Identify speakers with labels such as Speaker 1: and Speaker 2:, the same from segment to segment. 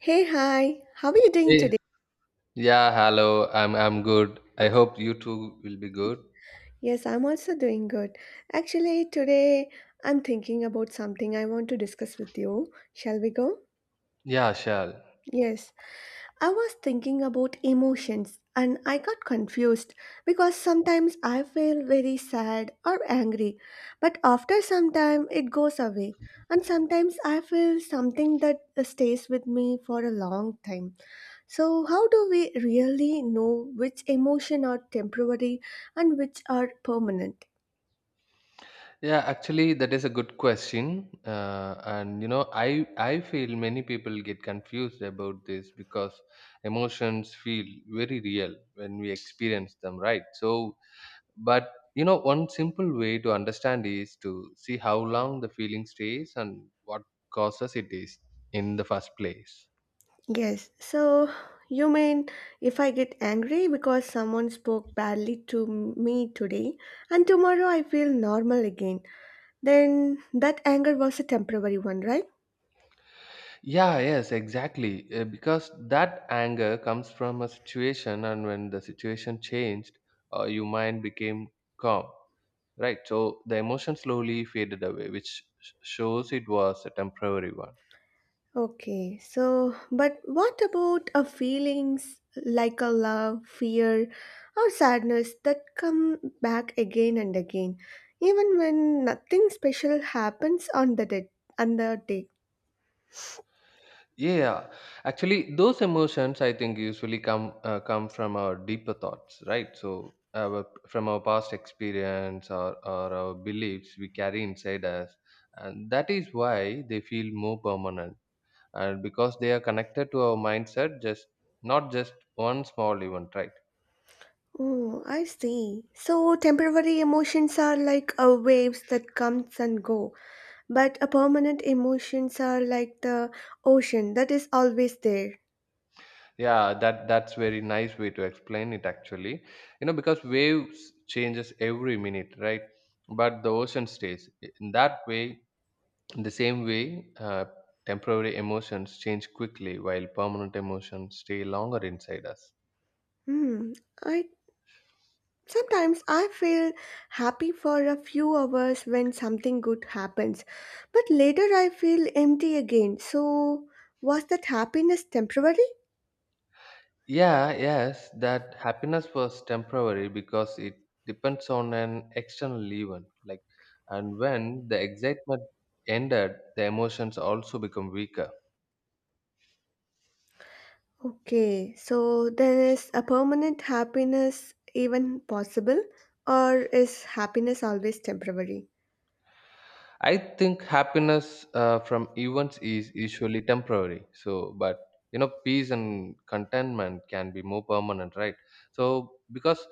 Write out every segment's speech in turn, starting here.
Speaker 1: Hey, hi, how are you doing
Speaker 2: Hey.
Speaker 1: today?
Speaker 2: Yeah, hello. I'm good. I hope you too will be good.
Speaker 1: Yes, I'm also doing good. Actually, today I'm thinking about something I want to discuss with you. Shall we go?
Speaker 2: Yeah, sure.
Speaker 1: Yes, I was thinking about emotions and I got confused because sometimes I feel very sad or angry, but after some time it goes away, and sometimes I feel something that stays with me for a long time. So, how do we really know which emotion are temporary and which are permanent?
Speaker 2: Yeah, actually, that is a good question. And you know, I feel many people get confused about this because emotions feel very real when we experience them, right? So, but you know, one simple way to understand is to see how long the feeling stays and what causes it is in the first place.
Speaker 1: Yes, so you mean if I get angry because someone spoke badly to me today and tomorrow I feel normal again, then that anger was a temporary one, right?
Speaker 2: Yeah, yes, exactly. Because that anger comes from a situation, and when the situation changed, your mind became calm, right? So the emotion slowly faded away, which shows it was a temporary one.
Speaker 1: Okay, so but what about a feelings like a love, fear, or sadness that come back again and again, even when nothing special happens on the day, on the day?
Speaker 2: Yeah, actually, those emotions I think usually come from our deeper thoughts, right? So from our past experience or our beliefs we carry inside us, and that is why they feel more permanent and because they are connected to our mindset, just not just one small event, right?
Speaker 1: Oh, I see. So temporary emotions are like a waves that comes and go, but a permanent emotions are like the ocean that is always there.
Speaker 2: Yeah, that's very nice way to explain it, actually. You know, because waves changes every minute, right? But the ocean stays in that way in the same way. uh, Temporary emotions change quickly while permanent emotions stay longer inside us.
Speaker 1: Hmm, I sometimes I feel happy for a few hours when something good happens, but later I feel empty again. So, was that happiness temporary?
Speaker 2: Yeah, yes, that happiness was temporary because it depends on an external event. And when the excitement ended, the emotions also become weaker.
Speaker 1: Okay, so then is a permanent happiness even possible, or is happiness always temporary?
Speaker 2: I think happiness from events is usually temporary. So, but you know, peace and contentment can be more permanent, right? So, because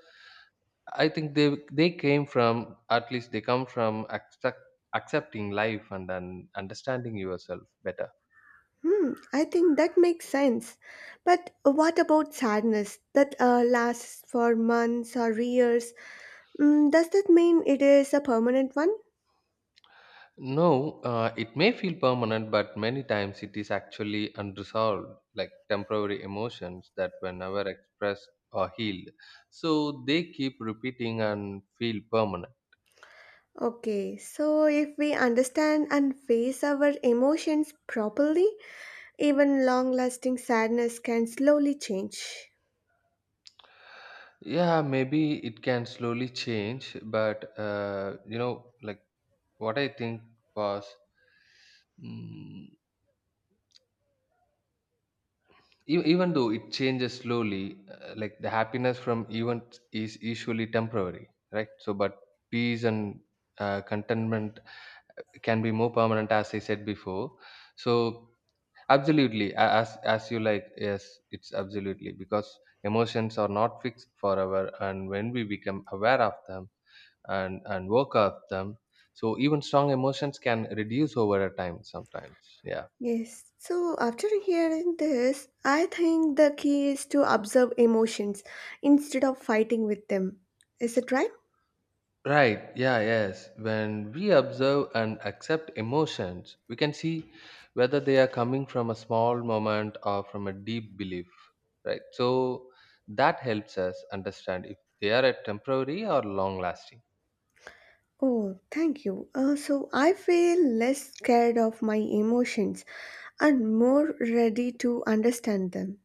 Speaker 2: I think they came from at least they come from accepting life and then understanding yourself better.
Speaker 1: Hmm, I think that makes sense. But what about sadness that lasts for months or years? Mm, does that mean it is a permanent one?
Speaker 2: No, it may feel permanent, but many times it is actually unresolved, like temporary emotions that were never expressed or healed. So they keep repeating and feel permanent.
Speaker 1: Okay, so if we understand and face our emotions properly, even long lasting sadness can slowly change.
Speaker 2: Yeah, maybe it can slowly change, but you know, like, what I think was. Mm, even though it changes slowly, like the happiness from events is usually temporary, right? So but peace and contentment can be more permanent, as I said before. So absolutely, as you like, yes, it's absolutely, because emotions are not fixed forever, and when we become aware of them and work of them, so even strong emotions can reduce over a time sometimes, yeah.
Speaker 1: Yes, so after hearing this, I think the key is to observe emotions instead of fighting with them. Is it right?
Speaker 2: Right, yeah, yes. When we observe and accept emotions, we can see whether they are coming from a small moment or from a deep belief, right? So that helps us understand if they are a temporary or long lasting.
Speaker 1: Oh, thank you. So I feel less scared of my emotions and more ready to understand them.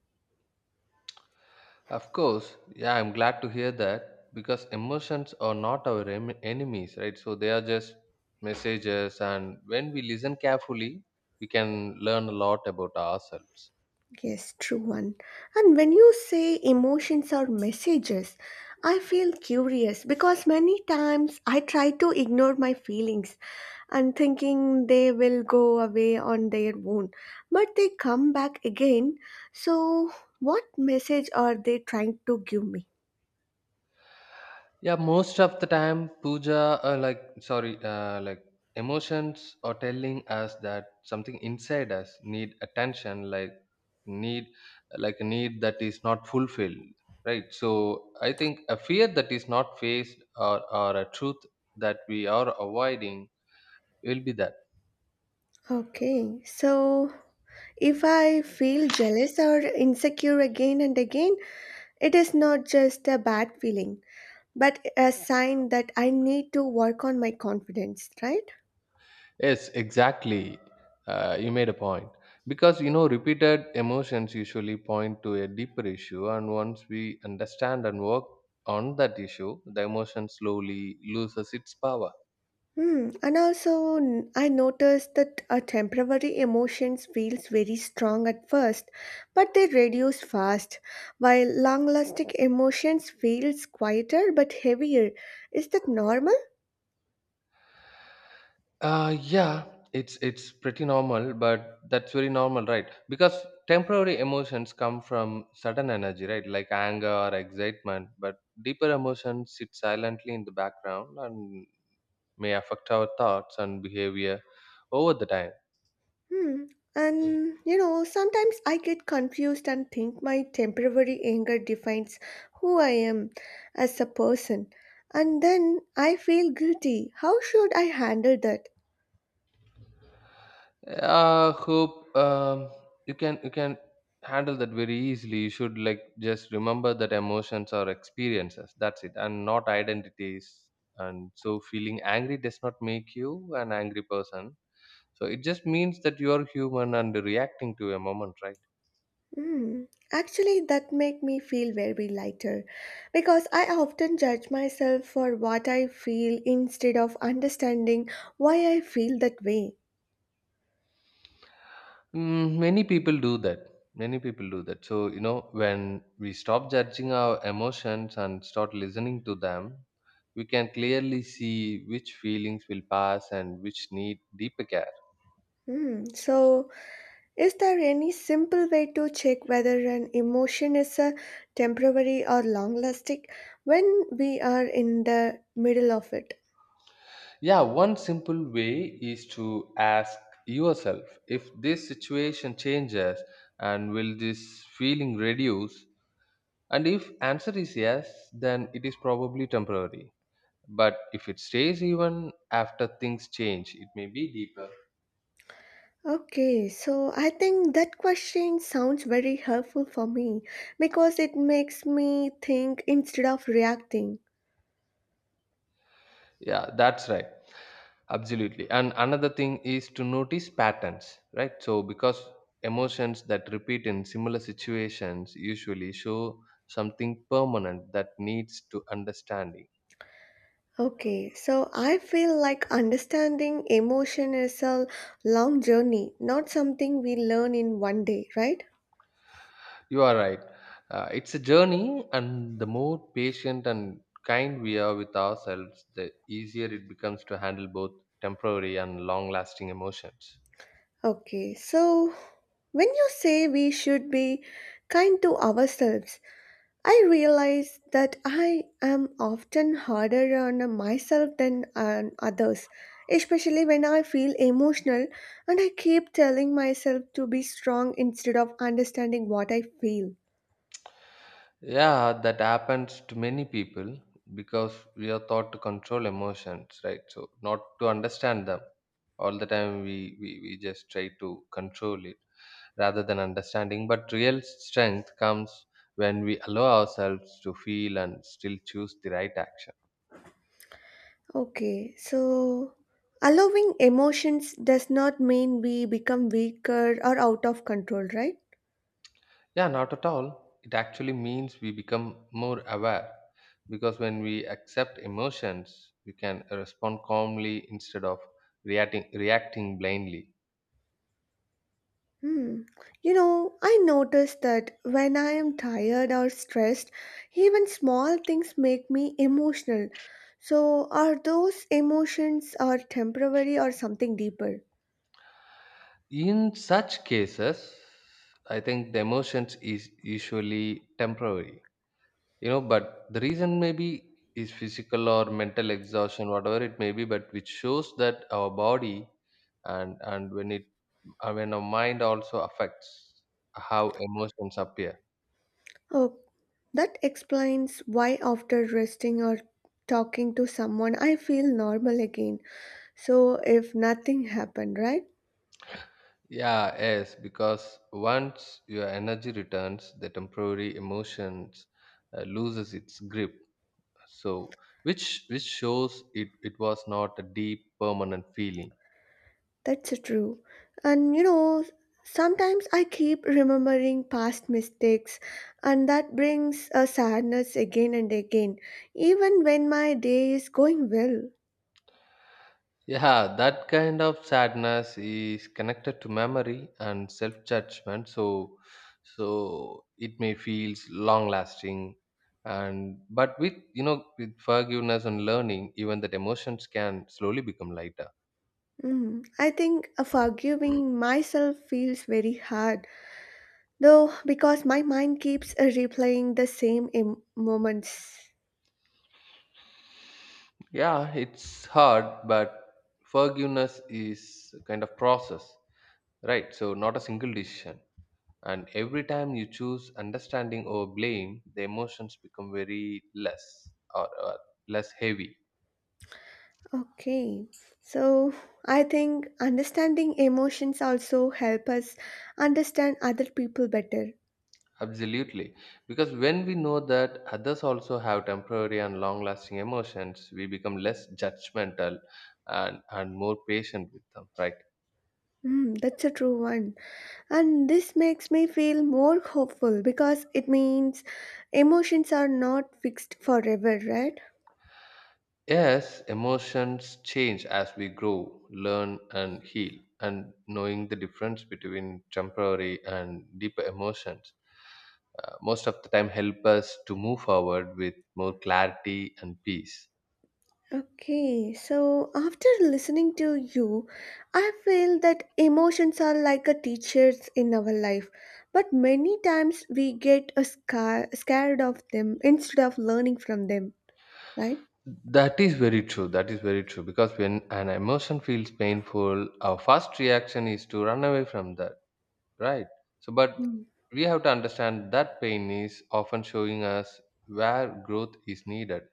Speaker 2: Of course, yeah, I'm glad to hear that because emotions are not our enemies, right? So they are just messages, and when we listen carefully, we can learn a lot about ourselves.
Speaker 1: Yes, true one. And when you say emotions are messages, I feel curious because many times I try to ignore my feelings and thinking they will go away on their own, but they come back again. So, what message are they trying to give me?
Speaker 2: Yeah, most of the time, puja, like, sorry, like, emotions are telling us that something inside us need attention, need, like, a need that is not fulfilled, right? So, I think a fear that is not faced, or a truth that we are avoiding will be that.
Speaker 1: Okay, so if I feel jealous or insecure again and again, it is not just a bad feeling, but a sign that I need to work on my confidence, right?
Speaker 2: Yes, exactly. You made a point. Because, you know, repeated emotions usually point to a deeper issue, and once we understand and work on that issue, the emotion slowly loses its power.
Speaker 1: Hmm. And also, I noticed that a temporary emotions feels very strong at first, but they reduce fast, while long-lasting emotions feels quieter but heavier. Is that normal?
Speaker 2: Yeah, it's pretty normal, but that's very normal, right? Because temporary emotions come from sudden energy, right? Like anger or excitement, but deeper emotions sit silently in the background and may affect our thoughts and behavior over the time.
Speaker 1: Hmm. And you know, sometimes I get confused and think my temporary anger defines who I am as a person. And then I feel guilty. How should I handle that?
Speaker 2: Hope You can handle that very easily. You should, like, just remember that emotions are experiences, that's it, and not identities. And so feeling angry does not make you an angry person. So it just means that you are human and reacting to a moment, right?
Speaker 1: Hmm. Actually, that make me feel very lighter because I often judge myself for what I feel instead of understanding why I feel that way.
Speaker 2: Mm, many people do that. Many people do that. So, you know, when we stop judging our emotions and start listening to them, we can clearly see which feelings will pass and which need deeper care.
Speaker 1: Hmm. So, is there any simple way to check whether an emotion is a temporary or long lasting when we are in the middle of it?
Speaker 2: Yeah, one simple way is to ask yourself, if this situation changes, and will this feeling reduce? And if answer is yes, then it is probably temporary. But if it stays even after things change, it may be deeper.
Speaker 1: Okay, so I think that question sounds very helpful for me because it makes me think instead of reacting.
Speaker 2: Yeah, that's right. Absolutely. And another thing is to notice patterns, right? So, because emotions that repeat in similar situations usually show something permanent that needs to understanding.
Speaker 1: Okay, so I feel like understanding emotion is a long journey, not something we learn in one day, right?
Speaker 2: You are right. It's a journey, and the more patient and kind we are with ourselves, the easier it becomes to handle both temporary and long lasting emotions.
Speaker 1: Okay, so when you say we should be kind to ourselves, I realize that I am often harder on myself than on others, especially when I feel emotional and I keep telling myself to be strong instead of understanding what I feel.
Speaker 2: Yeah, that happens to many people because we are taught to control emotions, right? So not to understand them. All the time we just try to control it rather than understanding. But real strength comes when we allow ourselves to feel and still choose the right action.
Speaker 1: Okay, so allowing emotions does not mean we become weaker or out of control, right?
Speaker 2: Yeah, not at all. It actually means we become more aware, because when we accept emotions, we can respond calmly instead of reacting blindly.
Speaker 1: Hmm. You know, I noticed that when I am tired or stressed, even small things make me emotional. So, are those emotions are temporary or something deeper?
Speaker 2: In such cases, I think the emotions is usually temporary, you know, but the reason maybe is physical or mental exhaustion, whatever it may be, but which shows that our body and when it, when our mind also affects how emotions appear.
Speaker 1: Oh, that explains why after resting or talking to someone, I feel normal again. So, if nothing happened, right?
Speaker 2: Yeah, yes, because once your energy returns, the temporary emotions loses its grip. So which which shows it was not a deep permanent feeling.
Speaker 1: That's true. And you know, sometimes I keep remembering past mistakes, and that brings a sadness again and again, even when my day is going well.
Speaker 2: Yeah, that kind of sadness is connected to memory and self judgment. So it may feels long lasting, and but with, you know, with forgiveness and learning, even that emotions can slowly become lighter.
Speaker 1: Mm, I think forgiving myself feels very hard, though, because my mind keeps replaying the same moments.
Speaker 2: Yeah, it's hard, but forgiveness is a kind of process, right? So not a single decision. And every time you choose understanding over blame, the emotions become very less, or less heavy.
Speaker 1: Okay, so I think understanding emotions also help us understand other people better.
Speaker 2: Absolutely. Because when we know that others also have temporary and long lasting emotions, we become less judgmental and more patient with them, right?
Speaker 1: Mm, that's a true one. And this makes me feel more hopeful because it means emotions are not fixed forever, right?
Speaker 2: Yes, emotions change as we grow, learn, and heal. And knowing the difference between temporary and deeper emotions, most of the time, help us to move forward with more clarity and peace.
Speaker 1: Okay, so after listening to you, I feel that emotions are like a teachers in our life, but many times we get a scared of them instead of learning from them, right?
Speaker 2: That is very true. That is very true. Because when an emotion feels painful, our first reaction is to run away from that, right? So, but
Speaker 1: Hmm.
Speaker 2: we have to understand that pain is often showing us where growth is needed.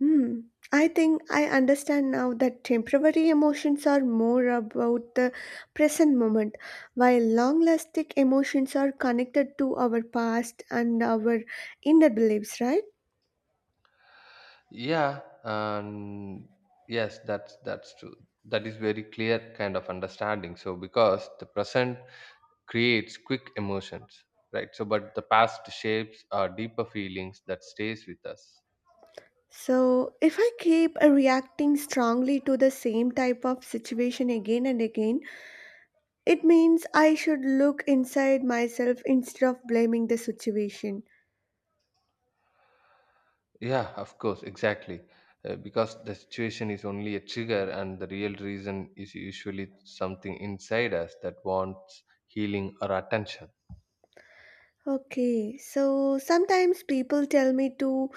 Speaker 1: Hmm. I think I understand now that temporary emotions are more about the present moment, while long lasting emotions are connected to our past and our inner beliefs, right?
Speaker 2: Yeah, and yes, that's true. That is very clear kind of understanding. So because the present creates quick emotions, right? So but the past shapes our deeper feelings that stays with us.
Speaker 1: So, if I keep reacting strongly to the same type of situation again and again, it means I should look inside myself instead of blaming the situation.
Speaker 2: Yeah, of course, exactly. Because the situation is only a trigger, and the real reason is usually something inside us that wants healing or attention.
Speaker 1: Okay, so sometimes people tell me to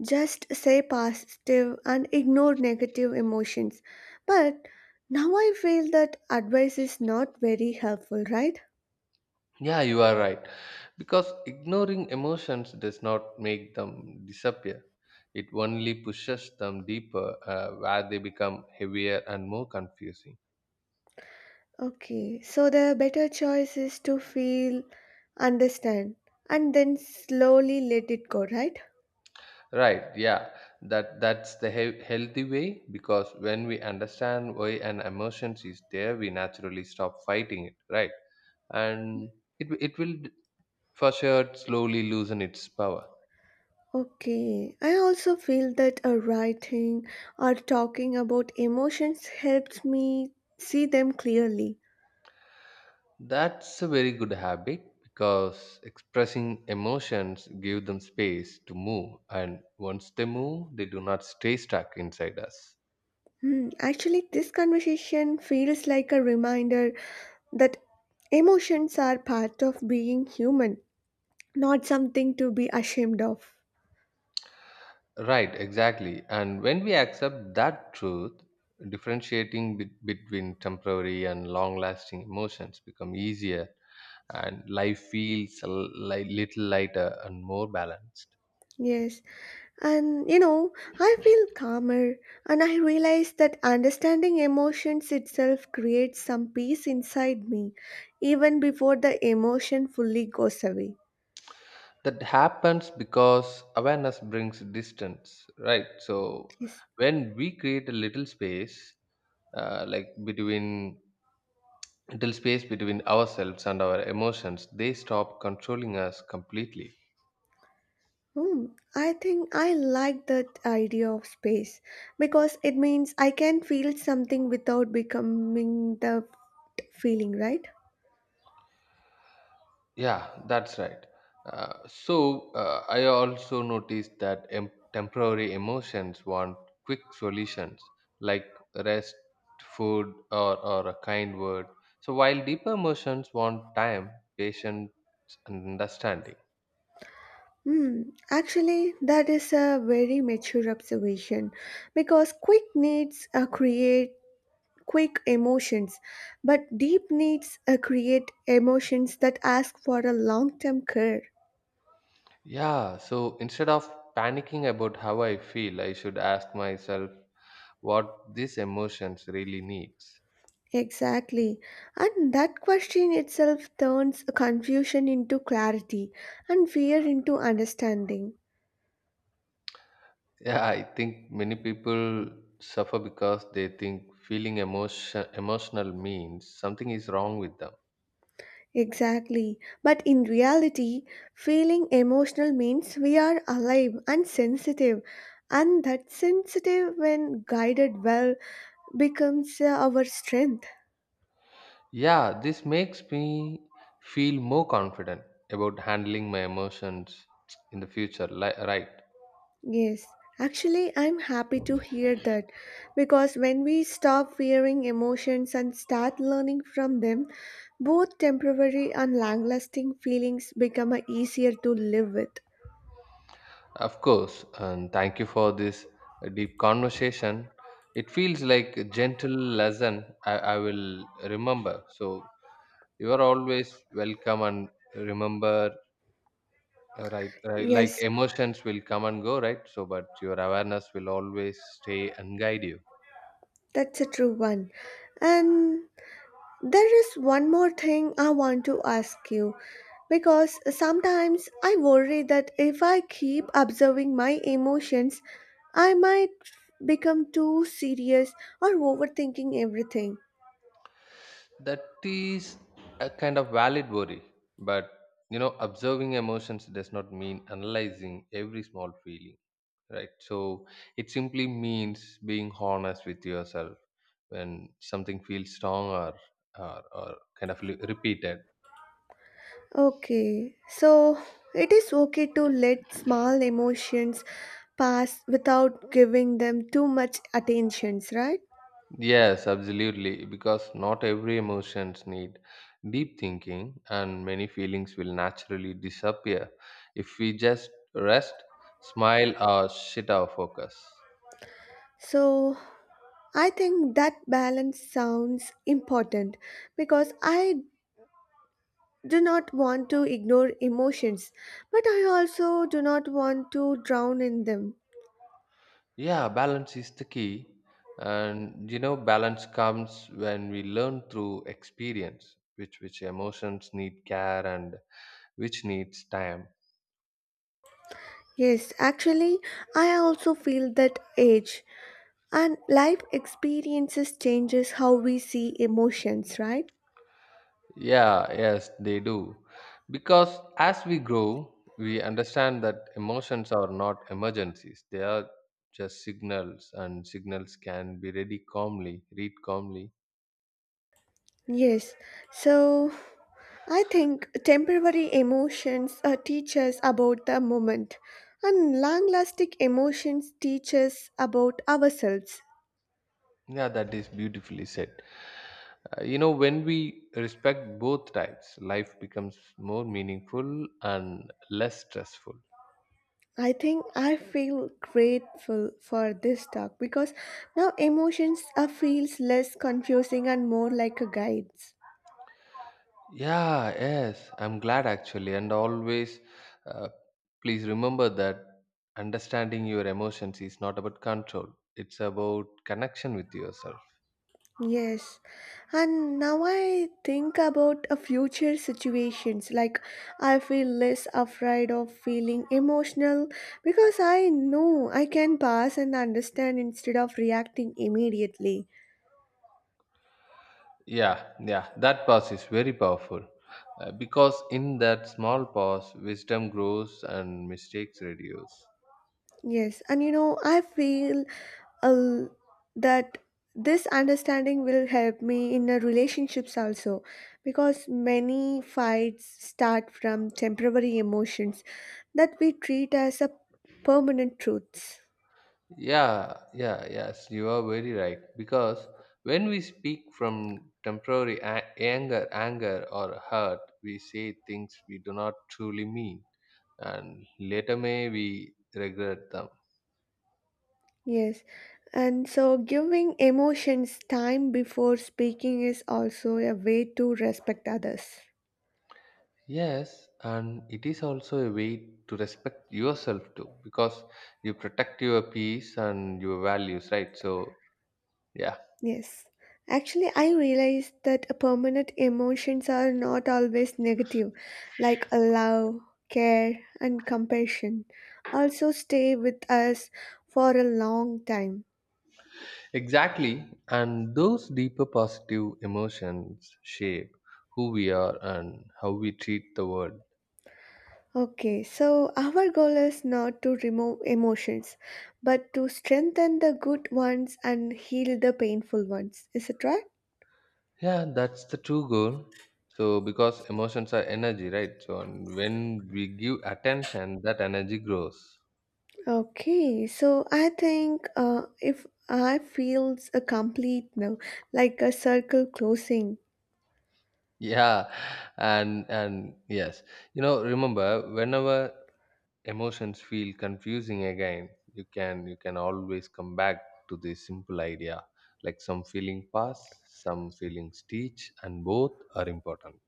Speaker 1: just say positive and ignore negative emotions. But now I feel that advice is not very helpful, right?
Speaker 2: Yeah, you are right. Because ignoring emotions does not make them disappear. It only pushes them deeper, where they become heavier and more confusing.
Speaker 1: Okay, so the better choice is to feel, understand, and then slowly let it go, right?
Speaker 2: Right? Yeah, that's the healthy way. Because when we understand why an emotion is there, we naturally stop fighting it. Right? And it will for sure slowly loosen its power.
Speaker 1: Okay, I also feel that a writing or talking about emotions helps me see them clearly.
Speaker 2: That's a very good habit because expressing emotions give them space to move, and once they move they do not stay stuck inside us.
Speaker 1: Hmm, actually, this conversation feels like a reminder that emotions are part of being human, not something to be ashamed of.
Speaker 2: Right, exactly. And when we accept that truth, differentiating between temporary and long-lasting emotions become easier and life feels a little lighter and more balanced.
Speaker 1: Yes, and you know, I feel calmer and I realize that understanding emotions itself creates some peace inside me even before the emotion fully goes away.
Speaker 2: That happens because awareness brings distance, right? So
Speaker 1: Yes.
Speaker 2: when we create a little space, like, between little space between ourselves and our emotions, they stop controlling us completely.
Speaker 1: Hmm. I think I like that idea of space because it means I can feel something without becoming the feeling, right?
Speaker 2: Yeah, that's right. So, I also noticed that temporary emotions want quick solutions, like rest, food, or a kind word. So while deeper emotions want time, patience, and understanding.
Speaker 1: Hmm, actually, that is a very mature observation because quick needs create quick emotions, but deep needs create emotions that ask for a long term care.
Speaker 2: Yeah, so instead of panicking about how I feel, I should ask myself what these emotions really needs.
Speaker 1: Exactly. And that question itself turns confusion into clarity and fear into understanding.
Speaker 2: Yeah, I think many people suffer because they think feeling emotion emotional means something is wrong with them.
Speaker 1: Exactly. But in reality, feeling emotional means we are alive and sensitive. And that sensitive, when guided well, becomes our strength.
Speaker 2: Yeah, this makes me feel more confident about handling my emotions in the future, right?
Speaker 1: Yes. Actually, I'm happy to hear that because when we stop fearing emotions and start learning from them, both temporary and long lasting feelings become easier to live with.
Speaker 2: Of course, and thank you for this deep conversation. It feels like a gentle lesson, I will remember. So you are always welcome, and remember. Right, right. Like
Speaker 1: Yes,
Speaker 2: emotions will come and go, right? So, but your awareness will always stay and guide you.
Speaker 1: that's a true one. And there is one more thing I want to ask you because sometimes I worry that if I keep observing my emotions, I might become too serious or overthinking everything.
Speaker 2: That is a kind of valid worry. But, you know, observing emotions does not mean analyzing every small feeling, right? So, it simply means being honest with yourself when something feels strong, or kind of repeated.
Speaker 1: Okay, so it is okay to let small emotions pass without giving them too much attentions, right?
Speaker 2: Yes, absolutely, because not every emotions need deep thinking, and many feelings will naturally disappear if we just rest, smile, or shit our focus.
Speaker 1: So I think that balance sounds important because I do not want to ignore emotions, but I also do not want to drown in them.
Speaker 2: Yeah, balance is the key, and you know balance comes when we learn through experience which emotions need care and which needs time.
Speaker 1: Yes, actually, I also feel that age and life experiences changes how we see emotions, right?
Speaker 2: Yeah, yes, they do. Because as we grow, we understand that emotions are not emergencies. They are just signals, and signals can be read calmly, read calmly.
Speaker 1: Yes. So, I think temporary emotions teach us about the moment and long-lasting emotions teach us about ourselves.
Speaker 2: Yeah, that is beautifully said. When we respect both types, life becomes more meaningful and less stressful.
Speaker 1: I think I feel grateful for this talk because now emotions are feels less confusing and more like a guides.
Speaker 2: Yeah, yes, I'm glad actually. And always, uh, please remember that understanding your emotions is not about control, it's about connection with yourself.
Speaker 1: Yes. And now I think about a future situations like I feel less afraid of feeling emotional because I know I can pass and understand instead of reacting immediately.
Speaker 2: Yeah, yeah, that pause is very powerful because in that small pause, wisdom grows and mistakes reduce.
Speaker 1: Yes, and you know, I feel uh, that this understanding will help me in the relationships also because many fights start from temporary emotions that we treat as a permanent truths.
Speaker 2: Yeah, yeah, yes, you are very right. Because when we speak from temporary anger or hurt, we say things we do not truly mean and later may we regret them.
Speaker 1: Yes, and so giving emotions time before speaking is also a way to respect others.
Speaker 2: Yes, and it is also a way to respect yourself too, because you protect your peace and your values, right? So, yeah,
Speaker 1: Yes. Actually, I realized that a permanent emotions are not always negative, like a love, care, and compassion also stay with us for a long time.
Speaker 2: exactly. And those deeper positive emotions shape who we are and how we treat the world.
Speaker 1: Okay, so our goal is not to remove emotions, but to strengthen the good ones and heal the painful ones. Is it right?
Speaker 2: Yeah, that's the true goal. So, because emotions are energy, right? So, and when we give attention, that energy grows.
Speaker 1: Okay, so I think if I feels a complete now, like a circle closing.
Speaker 2: Yeah, and yes, you know, remember whenever emotions feel confusing again, you can always come back to this simple idea, like some feeling pass, some feelings teach, and both are important.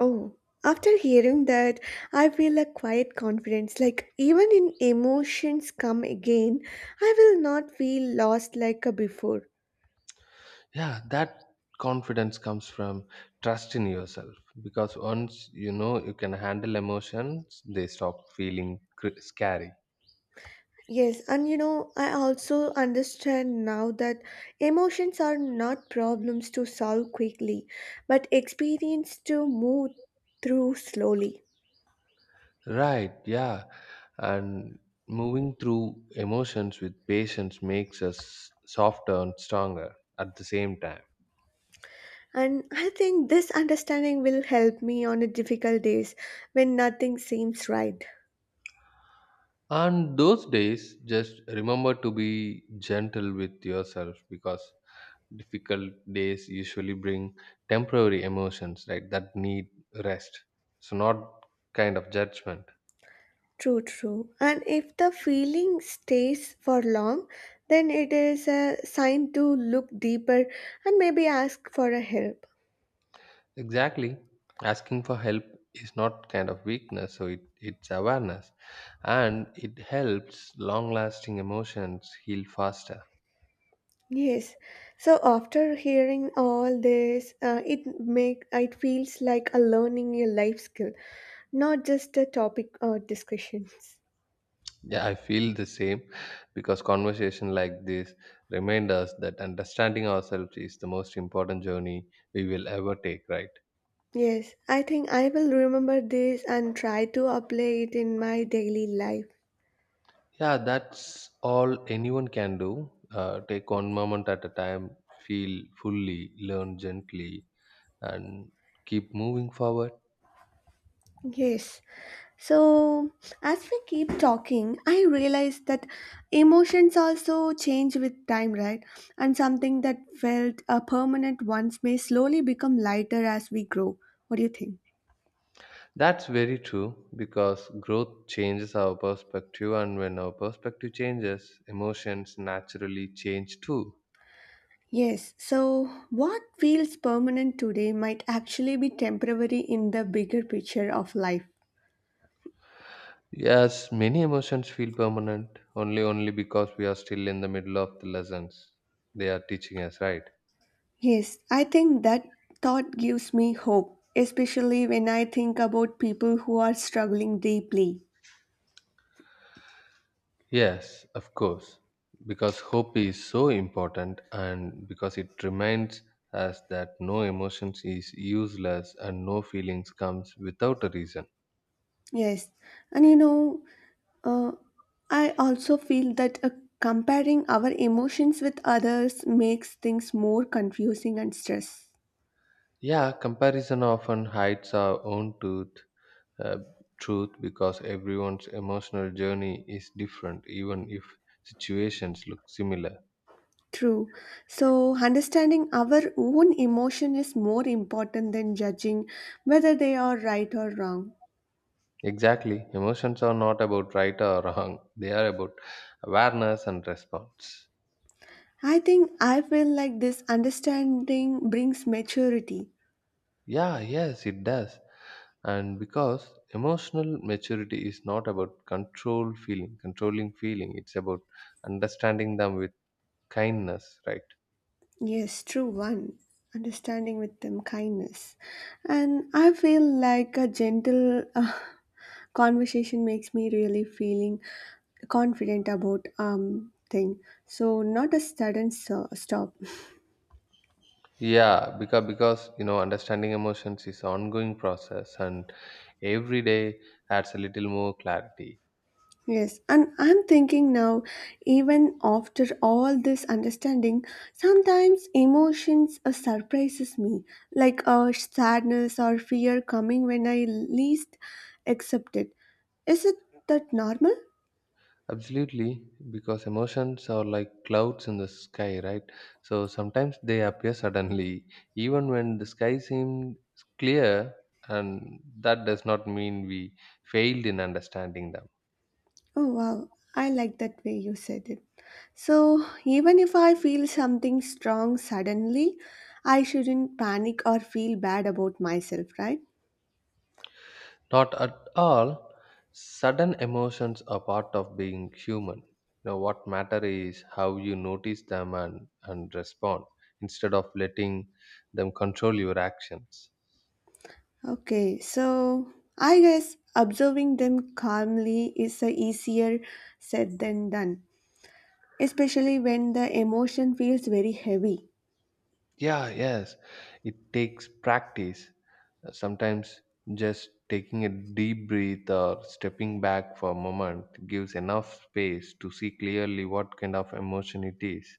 Speaker 1: Oh, after hearing that, I feel a quiet confidence. Like, even in emotions come again, I will not feel lost like a before.
Speaker 2: Yeah, that confidence comes from trust in yourself, because once you know you can handle emotions, they stop feeling scary.
Speaker 1: Yes, and you know, I also understand now that emotions are not problems to solve quickly, but experience to move through slowly.
Speaker 2: Right, yeah. And moving through emotions with patience makes us softer and stronger at the same time.
Speaker 1: And I think this understanding will help me on the difficult days when nothing seems right.
Speaker 2: And those days, just remember to be gentle with yourself, because difficult days usually bring temporary emotions, right, that need rest. So, not kind of judgment.
Speaker 1: True, true. And if the feeling stays for long, then it is a sign to look deeper and maybe ask for a help.
Speaker 2: Exactly. Asking for help is not kind of weakness, so it's awareness. And it helps long lasting emotions heal faster.
Speaker 1: Yes. So after hearing all this, it make it feels like a learning a life skill, not just a topic or discussions.
Speaker 2: Yeah, I feel the same, because conversation like this remind us that understanding ourselves is the most important journey we will ever take, right?
Speaker 1: Yes, I think I will remember this and try to apply it in my daily life.
Speaker 2: Yeah, that's all anyone can do. Take one moment at a time, feel fully, learn gently, and keep moving forward.
Speaker 1: Yes. So, as we keep talking, I realize that emotions also change with time, right? And something that felt a permanent once may slowly become lighter as we grow. What do you think?
Speaker 2: That's very true, because growth changes our perspective, and when our perspective changes, emotions naturally change too.
Speaker 1: Yes, so what feels permanent today might actually be temporary in the bigger picture of life.
Speaker 2: Yes, many emotions feel permanent only because we are still in the middle of the lessons they are teaching us, right?
Speaker 1: Yes, I think that thought gives me hope, especially when I think about people who are struggling deeply.
Speaker 2: Yes, of course, because hope is so important, and because it reminds us that no emotions is useless and no feelings comes without a reason.
Speaker 1: Yes, and you know, Uh, I also feel that comparing our emotions with others makes things more confusing and stress.
Speaker 2: Yeah, comparison often hides our own truth, uh, because everyone's emotional journey is different, even if situations look similar.
Speaker 1: True. So, understanding our own emotion is more important than judging whether they are right or wrong.
Speaker 2: Exactly, emotions are not about right or wrong, they are about awareness and response.
Speaker 1: I think I feel like this understanding brings maturity.
Speaker 2: Yeah, yes, it does. And because emotional maturity is not about controlling feeling, it's about understanding them with kindness, right?
Speaker 1: Yes, true one. Understanding with them kindness. And I feel like a gentle conversation makes me really feeling confident about thing. So not a sudden stop.
Speaker 2: Yeah, because you know understanding emotions is ongoing process, and every day adds a little more clarity.
Speaker 1: Yes, and I'm thinking now, even after all this understanding, sometimes emotions surprises me, like sadness or fear coming when I least accept it. Is it that normal?
Speaker 2: Absolutely, because emotions are like clouds in the sky, right? So sometimes they appear suddenly, even when the sky seemed clear, and that does not mean we failed in understanding them.
Speaker 1: Oh wow, I like that way you said it. So, even if I feel something strong suddenly, I shouldn't panic or feel bad about myself, right?
Speaker 2: Not at all. Sudden emotions are part of being human. You know what matter is how you notice them and respond, instead of letting them control your actions.
Speaker 1: Okay, so I guess observing them calmly is a easier said than done, especially when the emotion feels very heavy.
Speaker 2: Yeah, yes. It takes practice. Sometimes just taking a deep breath or stepping back for a moment gives enough space to see clearly what kind of emotion it is.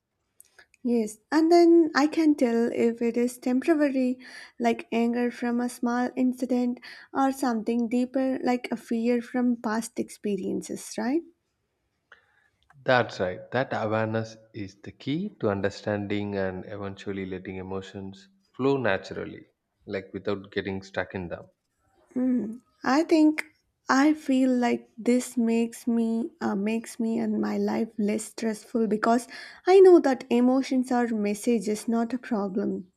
Speaker 1: Yes, and then I can tell if it is temporary, like anger from a small incident, or something deeper, like a fear from past experiences, right?
Speaker 2: That's right. That awareness is the key to understanding and eventually letting emotions flow naturally, like without getting stuck in them.
Speaker 1: Mm, I think I feel like this makes me makes me and my life less stressful because I know that emotions are messages, not a problem.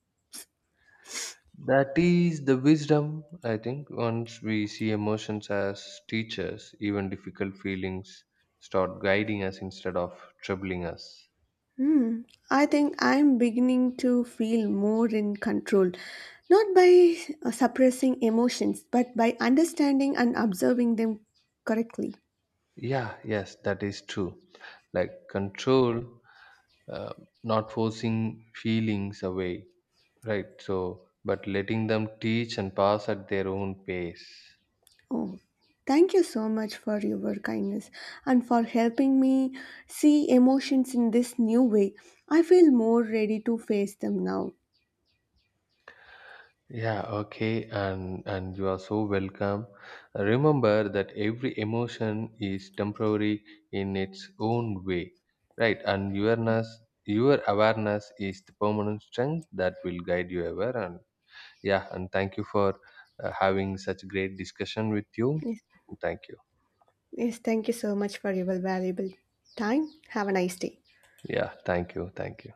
Speaker 2: That is the wisdom, I think. Once we see emotions as teachers, even difficult feelings start guiding us instead of troubling us.
Speaker 1: Hmm. I think I'm beginning to feel more in control, not by suppressing emotions, but by understanding and observing them correctly.
Speaker 2: Yeah, yes, that is true. Like control, uh, not forcing feelings away, right? So, but letting them teach and pass at their own pace.
Speaker 1: Oh, thank you so much for your kindness and for helping me see emotions in this new way. I feel more ready to face them now.
Speaker 2: Yeah, okay, and you are so welcome. Remember that every emotion is temporary in its own way, right? And awareness, your awareness is the permanent strength that will guide you ever. And yeah, and thank you for having such great discussion with you.
Speaker 1: Yes,
Speaker 2: Thank you.
Speaker 1: yes thank you so much for your valuable time. Have a nice day.
Speaker 2: Yeah, thank you, thank you.